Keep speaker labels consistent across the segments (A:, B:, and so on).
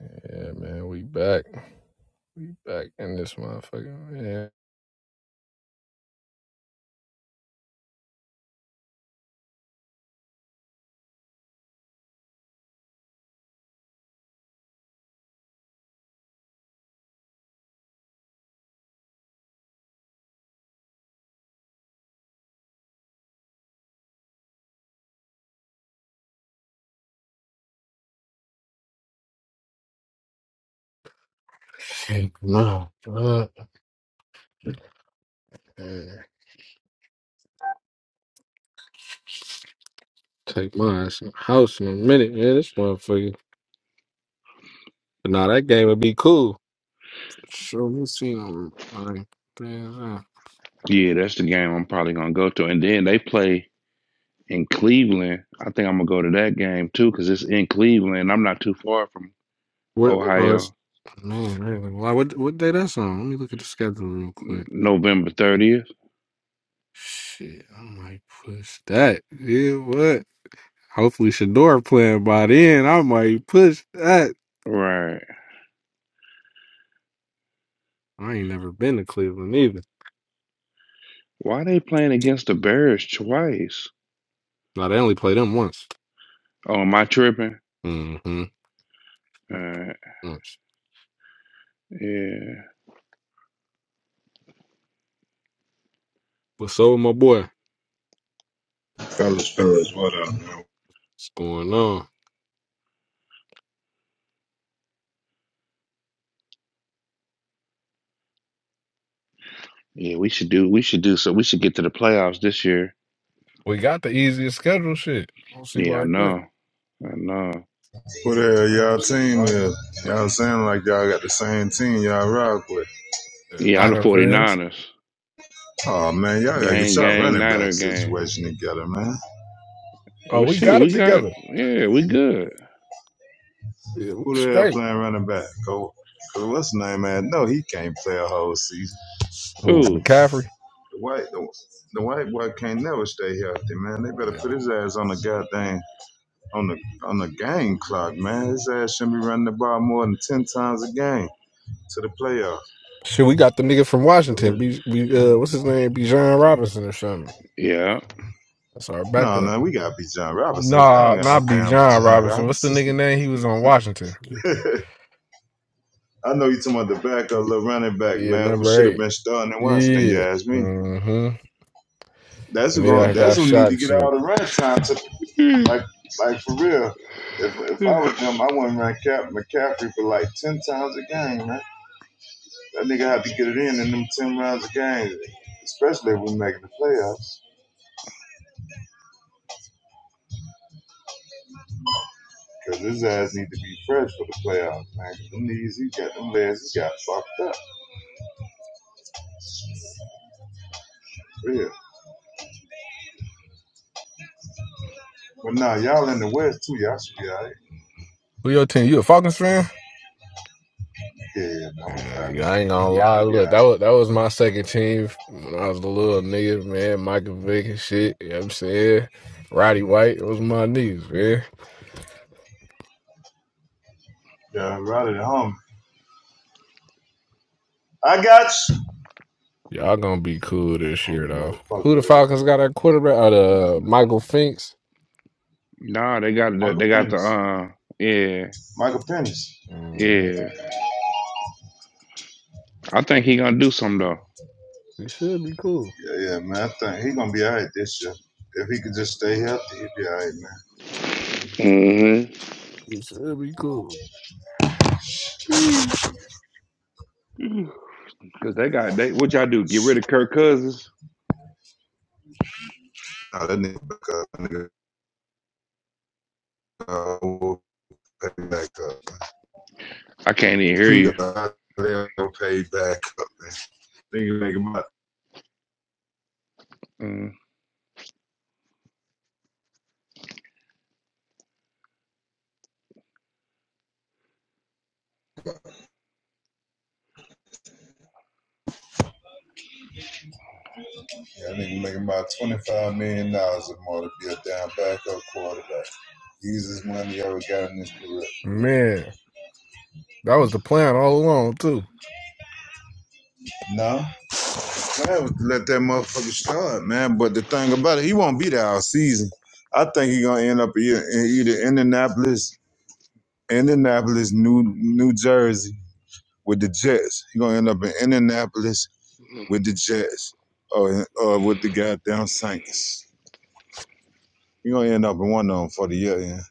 A: Yeah, man, we back. We back in this motherfucker. Yeah. my God. Man, Take my ass in the house in a minute, man. This motherfucker. But nah, that game would be cool. Sure, we see them. Like, man, uh,
B: Yeah, that's the game I'm probably gonna go to. And then they play in Cleveland. I think I'm gonna go to that game too because it's in Cleveland. I'm not too far from
A: what, oh, it's,
B: Ohio.
A: man, really, why, what, what day that's on? Let me look at the schedule real
B: N-
A: quick.
B: November 30th.
A: Shit, I might push that. Yeah, what? Hopefully, Shador playing by then. I might push that.
B: Right.
A: I ain't never been to Cleveland either.
B: Why they playing against the Bears twice?
A: Now they only played them once.
B: Oh, am I tripping?
A: Mm-hmm.
B: Uh,
A: Once.
B: yeah.
A: What's up, with my boy?
C: Fellas, fellas, what up?
A: What's going on?
B: Yeah, we should do. We should do so. We should get to the playoffs this year.
A: We got the easiest schedule. Shit. I don't see why
B: Yeah, I
A: that.
B: know. I know.
C: Who the hell
A: I
C: y'all
A: don't see
C: team
A: why.
C: is? Y'all sound like y'all got the same team y'all rock with.
A: Yeah,
B: Yeah, I'm the
A: Niner fans.
B: 49ers.
C: Oh man, y'all gotta get
B: Gang,
C: y'all
B: gang,
C: running back
B: Niner gang.
C: situation together, man.
A: Oh,
B: Well,
A: we
B: shoot,
A: got it
B: we got.
A: together.
B: Yeah, we good.
A: Yeah, we
C: Who the hell
A: straight.
C: playing running back? Go, go what's his name, man? No, he can't play a whole season.
A: Oh,
B: Who?
A: McCaffrey.
C: The white, the, the white boy can't never stay healthy, man. They better put
A: Yeah.
C: his ass on the goddamn on the on the game clock, man. His ass shouldn't be running the ball more than ten times a game to the playoffs.
A: Shit, we got the nigga from Washington. B, B, uh, what's his name? Bijan Robinson or something.
B: Yeah.
A: That's our
C: No,
A: backup.
C: no, we gotta be John Robinson. Y'all
A: Nah,
C: don't got no
A: not
C: damn be
A: Bijan
C: John
A: Robinson. What's the
C: Robinson.
A: nigga name? He was on Washington.
C: I know you talking about the backup,
A: Yeah,
C: little running back,
A: yeah,
C: man, who
A: number
C: should have
A: eight.
C: been starting in Washington. You ask me.
A: Yeah.
C: That's
A: And
C: who
A: then
C: going.
A: I
C: That's
A: got
C: who need
A: shot
C: to
A: and
C: get all
A: shit.
C: the run time. To,
B: Mm.
C: like, like for real. If if I was them, I wouldn't run Cap McCaffrey for like ten times a game, man. That nigga had to get it in in them ten rounds a game, especially if we making the playoffs. Cause his ass need to be fresh for the playoffs, man. Them knees he got, them legs he got fucked up. Real. But nah, y'all in the West too. Y'all should be all right.
A: Who your team? You a Falcons fan?
C: Yeah, man, I'm a
A: Yeah,
C: five
A: yeah, I
C: percent.
A: ain't gonna lie.
C: You be
A: Look,
C: all
A: that
C: right.
A: was that was my second team when I was a little nigga, man. Michael Vick and shit. You know what I'm saying? Roddy White it was my knees, man.
C: Yeah, right at home. I got you.
A: Y'all gonna be cool this
C: I don't
A: year
C: even know
A: though.
C: the fuck
A: Who the
C: that is.
A: Falcons got at quarterback? Uh, the Michael Finks.
B: nah, they got the
C: Michael
B: they got the
C: Pennis.
B: uh yeah
C: Michael Pennis.
A: hmm
B: yeah. I think he gonna do something though.
A: We should be cool.
C: Yeah, yeah, man. I think he gonna be all right this year. If he could just stay healthy, he'd be all right, man.
B: Mm-hmm.
A: He should be cool.
B: Mm. Cause they got they what y'all do? Get rid of Kirk Cousins?
C: Nah, that nigga back up. That nigga uh, will pay back
B: I can't even hear you.
C: up. They'll pay back up, man. Nigga make about,
B: Mm.
C: yeah, nigga make about $25 million dollars or more to be a damn backup quarterback. Jesus Money always got in this career.
A: Man, that was the plan all along too.
C: No, man, let that motherfucker start, man. But the thing about it, he won't be there all season. I think he gonna end up either, either Indianapolis, Indianapolis, New New Jersey with the Jets. He gonna end up in Indianapolis with the Jets, or or with the goddamn Saints. He gonna end up in one of them for the year, yeah.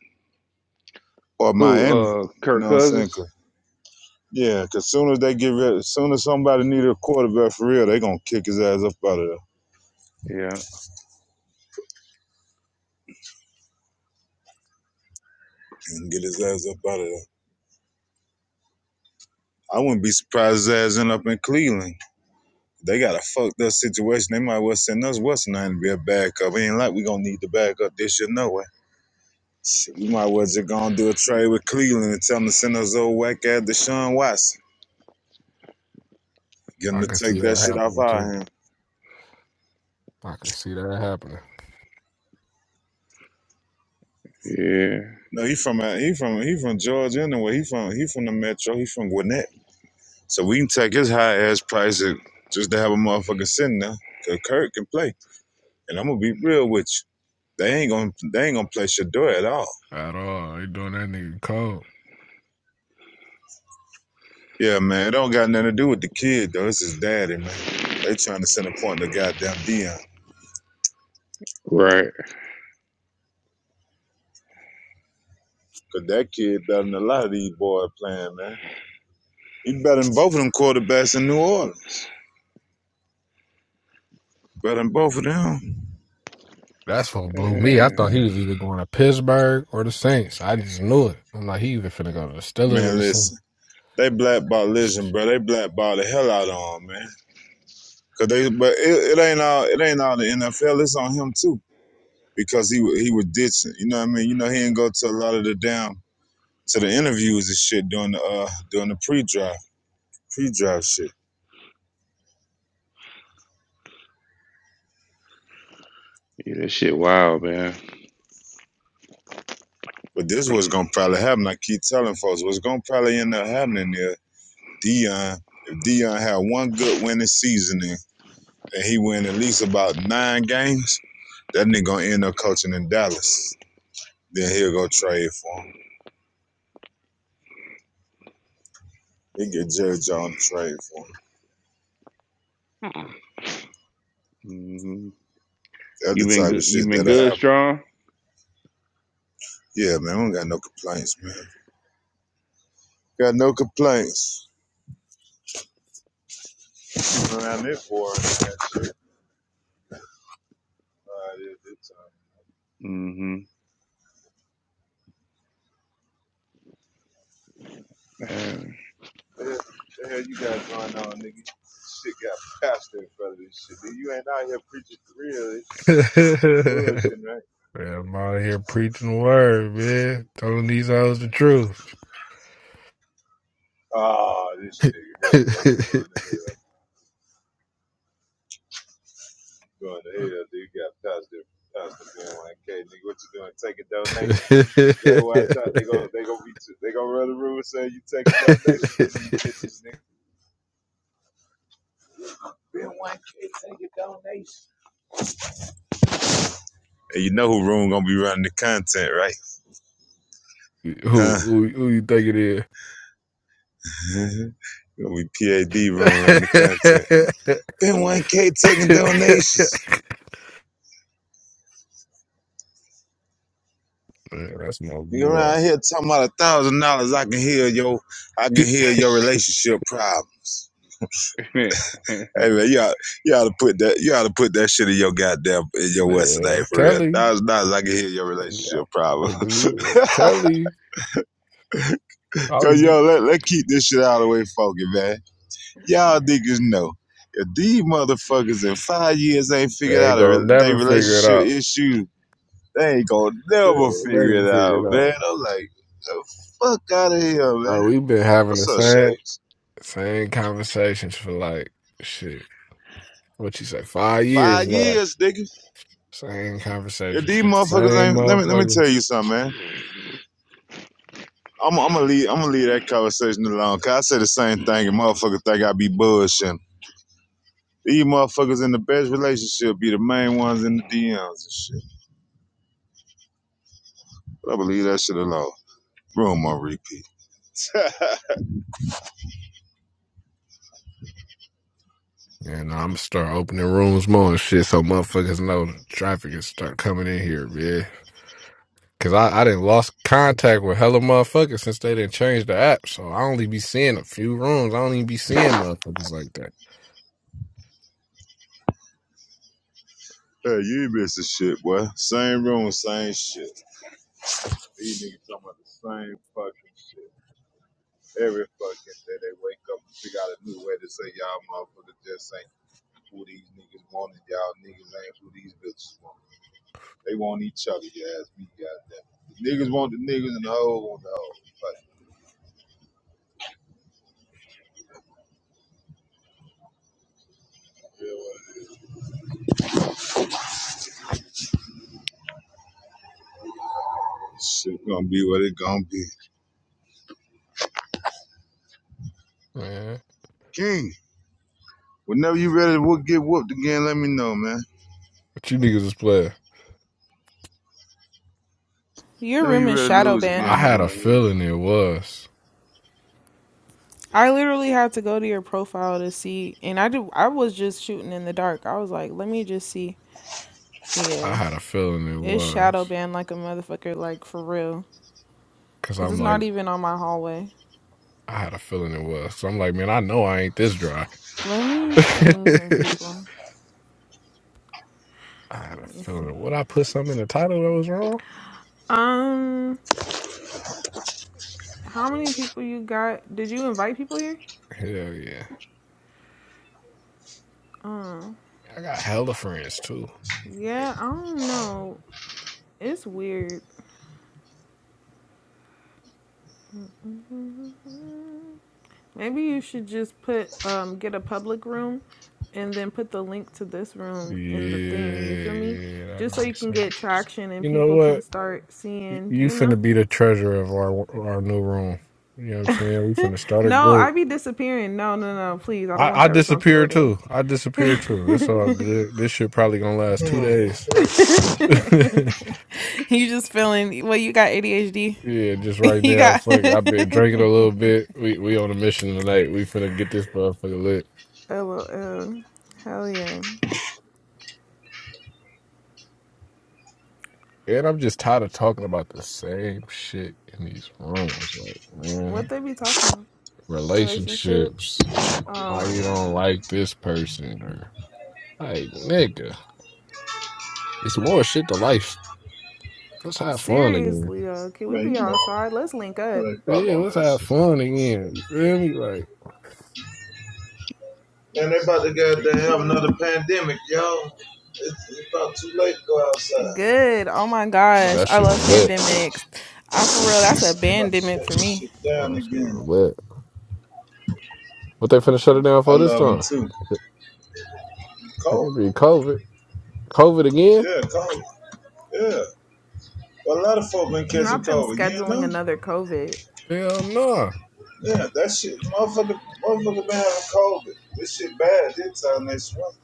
C: or
B: Who?
C: Miami.
B: Uh,
C: You
B: Kirk
C: know what I'm saying?
B: Cousins?
C: 'Cause- yeah, because soon as they get rid, soon as somebody need a quarterback for real, they gonna kick his ass up out of there.
B: Yeah,
C: and get his ass up out of there. I wouldn't be surprised his ass end up in Cleveland. They got a fucked up situation. They might well send us what's nothing to be a backup. It ain't like we gonna need the backup this year, no way. Shit, we might well just gonna do a trade with Cleveland and tell them to send us old whack ass Deshaun Watson. Get him
A: I
C: to
A: can see
C: take that
A: that
C: shit off
A: happening
C: our
A: too.
C: hands.
A: I can see that happening.
B: yeah,
C: No, he from he from he from Georgia anyway. He from he from the metro. He from Gwinnett, so we can take his high ass price just to have a motherfucker sitting there. Cause Kirk can play, and I'm gonna be real with you. They ain't gonna they ain't gonna play Shador at all.
A: At all. They doing that nigga cold.
C: Yeah, man. It don't got nothing to do with the kid though. It's his daddy, man. They trying to send a point to goddamn Dion.
B: right.
C: Cause that kid better than a lot of these boys playing, man. He better than both of them quarterbacks in New Orleans. Better than both of them.
A: That's what blew me. I
B: Uh,
A: thought he was either going to Pittsburgh or the Saints. I just knew it. I'm like, he either finna go to the Steelers or
C: Man,
A: the Saints.
C: listen. They blackball listen, bro. They blackball the hell out of him, man. Cause they but it, it ain't all it ain't all the NFL. It's on him too. Because he he was ditching. You know what I mean? You know he didn't go to a lot of the damn to the interviews and shit during the uh during the pre-draft. Pre draft shit.
B: yeah, that shit wild, man.
C: But this was gonna probably happen. I keep telling folks what's gonna probably end up happening there. Dion, if Dion had one good winning season in, and he win at least about nine games, that nigga gonna end up coaching in Dallas. Then he'll go trade for him. He get Jerry Jones to trade for him.
B: hmm
C: That's
B: You
C: the
B: been
C: type
B: good?
C: of shit
B: You been
C: that'll
B: good,
C: happen.
B: strong?
C: Yeah, man, I don't got no complaints, man. Got no complaints. Around this for it. All right, it's time.
B: Mm-hmm.
C: What The hell you got going on, nigga? Shit got pastor in front of this shit. Nigga. You ain't out here preaching for real. It's bullshit, right?
A: man, I'm out here preaching the word, man. Telling these hoes the truth.
C: Ah, this nigga, hell boy, you going to hell. You going to hell, nigga. You got pastor, pastor being One K, nigga, what you doing? Taking donations. Better watch out. They gonna,
A: who,
C: they gonna be, too, they gonna run the room and say you taking donations from these bitches, nigga. And you know who room gonna be running the content, right? Huh?
A: who who you think it is?
C: gonna be PAD room running the content. Ben 1K taking donations.
A: man, that's my
C: You
A: boy.
C: around here talking about a thousand dollars, I can heal your, I can heal your relationship problems.
B: All
C: Hey man, you ought, you ought to put that, you ought to put that shit in your goddamn in your West
A: Man,
C: today
A: I'm
C: for real.
A: telling you.
C: Thousand dollars, I can heal your relationship problem.
A: Yeah. Tell you, I was
C: Cause
A: just,
C: yo, let let keep this shit out of the way, funky man. Y'all niggas know if these motherfuckers in five years ain't figured
A: they ain't
C: out a
A: gonna
C: re- they
A: never figure it
C: relationship
A: out.
C: issue, they ain't gonna
A: They
C: never figure
A: never
C: it
A: figure
C: out,
A: it
C: man.
A: out.
C: I'm like, the fuck out of here,
A: Like,
C: man.
A: we've been having
C: What's
A: the
C: up,
A: same
C: Shay?
A: same conversations for like shit. What you say? Five years
C: Five
A: now.
C: years, nigga.
A: Same
C: If
A: conversations
C: these
A: with the
C: motherfuckers
A: same
C: ain't let me let me tell
A: motherfuckers.
C: you something, man. I'm I'm gonna leave I'm gonna leave that conversation alone. Cause I say the same thing and motherfuckers think I be bullshitting. These motherfuckers in the best relationship be the main ones in the DMs and shit. But I believe that shit alone. Room on repeat. hey,
A: And I'm gonna start opening rooms more and shit so motherfuckers know the traffic is start coming in here, yeah. Cause I, I didn't lost contact with hella motherfuckers since they didn't change the app. So I only be seeing a few rooms. I don't even be seeing motherfuckers like that.
C: you ain't missing shit, boy. Same room, same shit. These niggas talking about the same fucking shit. Every fucking day they wake up and figure out a new way to say y'all motherfuckers just who these niggas wanted. Y'all niggas ain't who these bitches want. They want each other, you ask me, goddamn. The niggas want the niggas and the hoes want the hoes. Like, yeah, well, shit gonna be what it gonna be.
A: Man.
C: King, whenever you ready to whoop, get whooped again, let me know, man.
A: What you niggas is playing?
D: Your
C: Whenever
D: room
C: you
D: is
C: ready to
D: shadow
C: lose
A: I
D: banned.
C: again,
A: had
C: nigga,
A: a
C: let me
A: feeling
C: know.
A: it was.
D: I literally had to go to your profile to see, and I do. I was just shooting in the dark. I was like, let me just see.
A: I
D: Yeah,
A: had a feeling it
D: it's
A: was.
D: shadow banned like a motherfucker, like for real,
A: Cause
D: cause it's
A: I'm like,
D: not even on my hallway.
A: I had a feeling it was. So I'm like, man, I know I ain't this dry.
D: Let me
A: I
D: ping some people.
A: had a
D: Let me
A: feeling.
D: see.
A: Would I put something in the title that was wrong?
D: Um, how many people you got? Did you invite people here?
A: Hell yeah.
D: Um,
A: I got hella friends too. Like,
D: yeah, I don't know. It's weird. Maybe you should just put um get a public room and then put the link to this
A: Yeah,
D: room in the thing, you feel me?
A: yeah, that
D: Just so you
A: makes
D: can
A: sense.
D: get traction and
A: You know
D: people
A: what?
D: can start
A: You
D: seeing,
A: you
D: you know.
A: finna be the treasurer of our our new room. You know what I'm saying? We finna start a
D: No, I
A: group.
D: be disappearing. No, no, no, please. I don't want
A: I, I
D: that
A: disappear
D: responsibility.
A: too. I
D: you
A: disappear too. It's all good. This shit probably gonna last two days.
D: just feeling well, you got ADHD.
A: yeah, just right
D: you
A: now.
D: got
A: Fuck it. I've been drinking a little bit. We we on a mission tonight. We finna get this motherfucker lit.
D: LOL. Hell yeah.
A: And I'm just tired of talking about the same shit in these rooms. Like, man,
D: What they be talking about? Relationships.
A: relationships.
D: Oh
A: Why
D: my
A: you don't
D: god.
A: like this person or like nigga. It's more shit to life. Let's have fun again.
D: Seriously though, can we
C: Man,
D: be
C: you know, how
D: outside? Let's link up
C: they pop
A: Yeah,
C: on
A: let's
C: this
A: have
C: shit.
A: fun again. You feel me? Like
C: Man, they about to goddamn have
D: for
C: another
D: real.
C: pandemic, y'all. it's about too late to go outside.
D: Good. Oh my gosh,
A: that
D: I
A: shit was
D: love
A: wet.
D: pandemics. I for real, that's a
C: I'm about to
D: pandemic
C: shut
D: for
C: this
D: me.
C: shit
A: Oh,
C: down
A: that shit
C: again.
A: was wet. What they finna shut it down
C: I
A: for this
C: love them
A: time?
C: too.
A: It'd
C: Cold?
A: be COVID. COVID again?
C: Yeah, cold. Yeah. But a lot of folk been catching
D: Not them
C: COVID, you
D: scheduling
C: know?
D: another COVID.
A: Hell nah.
C: Yeah, that shit, motherfucker, motherfucker been having COVID. This shit bad this time next month.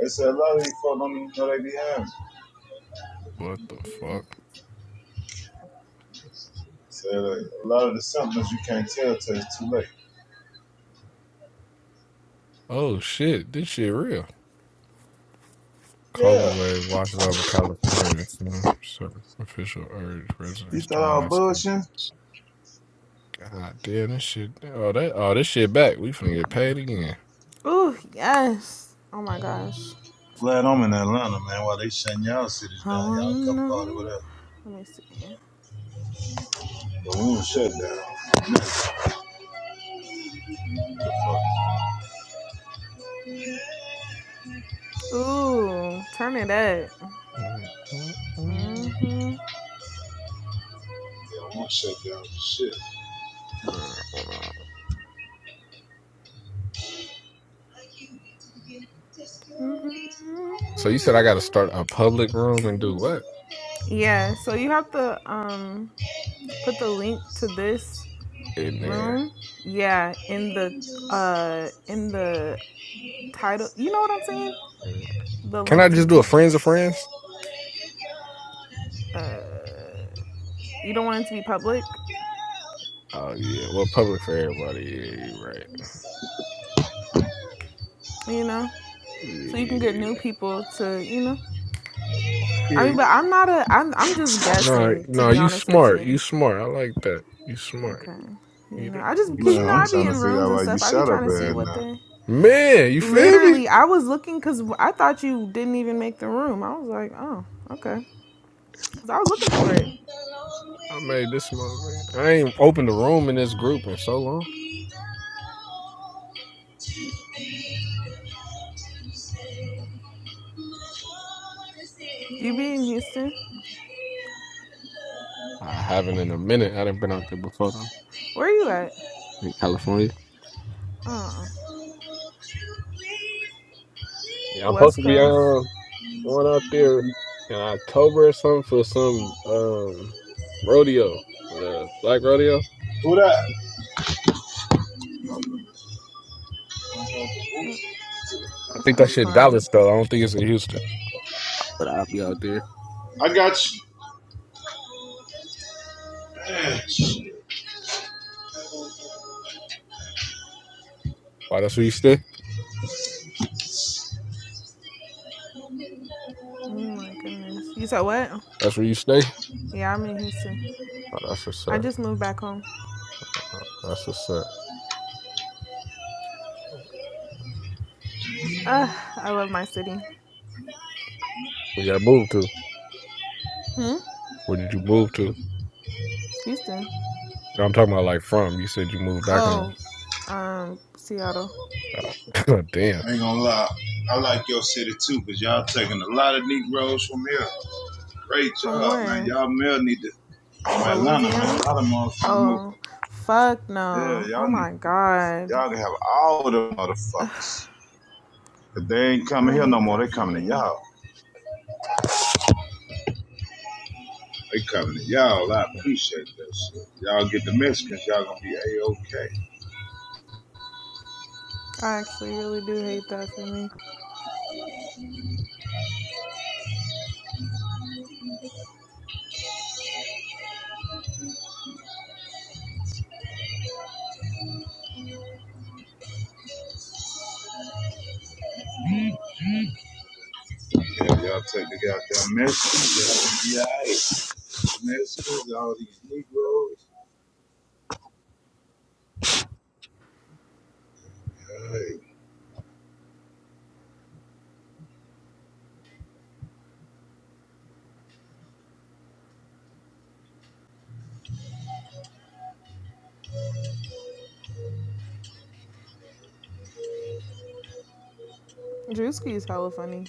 C: They said a lot of these folk don't even know they be having it.
A: What the fuck?
C: They Said like, a lot of the symptoms you can't tell till it's too late.
A: Oh shit, this shit real.
C: Yeah.
A: COVID wave watches over California. So, so official urge
C: You
A: residents to
C: thought I
A: mask.
C: was bullshitting?
A: God damn, this shit. Oh, that. Oh, this shit back. We finna get paid again.
D: Ooh yes. Oh my gosh.
C: Glad I'm in Atlanta, man. While they shutting y'all cities
D: I
C: down,
D: wanna
C: y'all come party with
D: know.
C: us.
D: Let me see.
C: But we won't shut down.
D: Ooh, turn it up.
A: Mhm.
D: hmm
C: Yeah, we won't shut down for shit.
A: So you said I got to start a public room and do what
D: Yeah. So you have to um put the link to this
A: in there?
D: Room? Yeah, in the uh in the title. You know what I'm saying? The
A: Can I
D: link to
A: just
D: the
A: do a
D: t-
A: friends of friends?
D: you don't want it to be public,
A: Oh yeah, well, public for everybody. Yeah, you're right.
D: you know? So you can get
A: Yeah,
D: new people to, you know. I
A: yeah.
D: mean, but I'm not a I'm I'm just
A: No,
D: guessing to
A: no,
D: be
A: you
D: honest with
A: smart. You
D: you.
A: smart. I like that. You smart.
D: Okay. You
A: You,
D: know, I just
A: you
D: cuz you
C: Man,
D: know
C: I'm
D: I
A: smart.
D: be
C: trying to
D: in
C: figure
D: rooms
C: out
D: and
C: why you
D: stuff. I be
C: shut
D: trying
C: up
D: to see
C: bad
D: what
C: now.
D: they
A: Man, you feel me?
D: Literally, I was looking cuz I thought you didn't even make the room. I was like, "Oh, okay." Cuz I was looking for it.
A: I made this moment. I ain't opened a room in this group in so long.
D: You be in Houston?
A: I haven't in a minute. I done been out there before though.
D: Where you at?
A: In California.
D: Uh. uh
A: Yeah, I'm supposed
D: West
A: to be
D: Coast.
A: um going out there in October or something for some um rodeo, for the black rodeo.
C: Who that?
A: I
D: That
A: think that
D: sounds
A: shit in
D: fun.
A: Dallas though. I don't think it's in Houston, but I'll be out there.
C: I got you.
A: Why? That's where you stay.
D: Oh my goodness. You said what?
A: That's where you stay.
D: Yeah, I'm in Houston.
A: Oh, that's what's
D: I
A: up.
D: just moved back home.
A: Oh, That's what's up.
D: Ugh, I love my city.
A: Where you moved to?
D: Hmm?
A: Where did you move to?
D: Houston.
A: No, I'm talking about like from. You said you moved back home.
D: Oh, um, Seattle.
A: Oh, damn.
C: I ain't gonna lie. I like your city too, because y'all taking a lot of Negroes from here. Great
D: From
C: job, man.
D: where?
C: Y'all male need to from
D: Well,
C: Atlanta, man.
D: Louisiana?
C: A lot of motherfuckers move.
D: Oh, fuck
C: Yeah,
D: no.
C: y'all
D: Oh
C: need
D: my god.
C: y'all can have all the motherfuckers. Cause they ain't coming
D: I
C: here no
D: hate
C: more.
D: that
C: They
D: for
C: coming to
D: me.
C: y'all. They coming to y'all. I appreciate that shit. Y'all get the Mexicans, y'all gonna be A-OK.
D: I actually really do hate that for me.
C: Yeah, y'all take the goddamn Mexicans, y'all gonna be alright. Mexicans, all these Negroes.
D: Drewski is hella funny.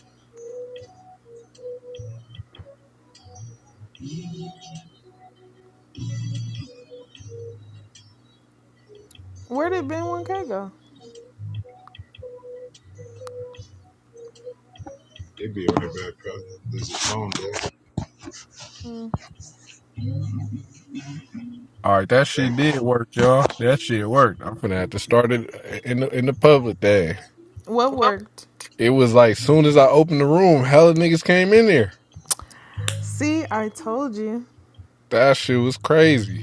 D: Where did Ben 1K go?
C: They be on the back, brother. There's a phone there.
A: All right, that
C: Hey,
A: shit did work, y'all. That shit worked. I'm gonna have to start it in the in the public day.
D: What worked?
A: It was like soon as I opened the room, hella niggas came in there.
D: See, I told you.
A: That shit was crazy.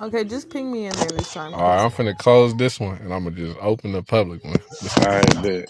D: Okay, just ping me in there this time
A: All right,
D: because
A: I'm finna close this one and I'm gonna just open the public one. Just
B: right, bet.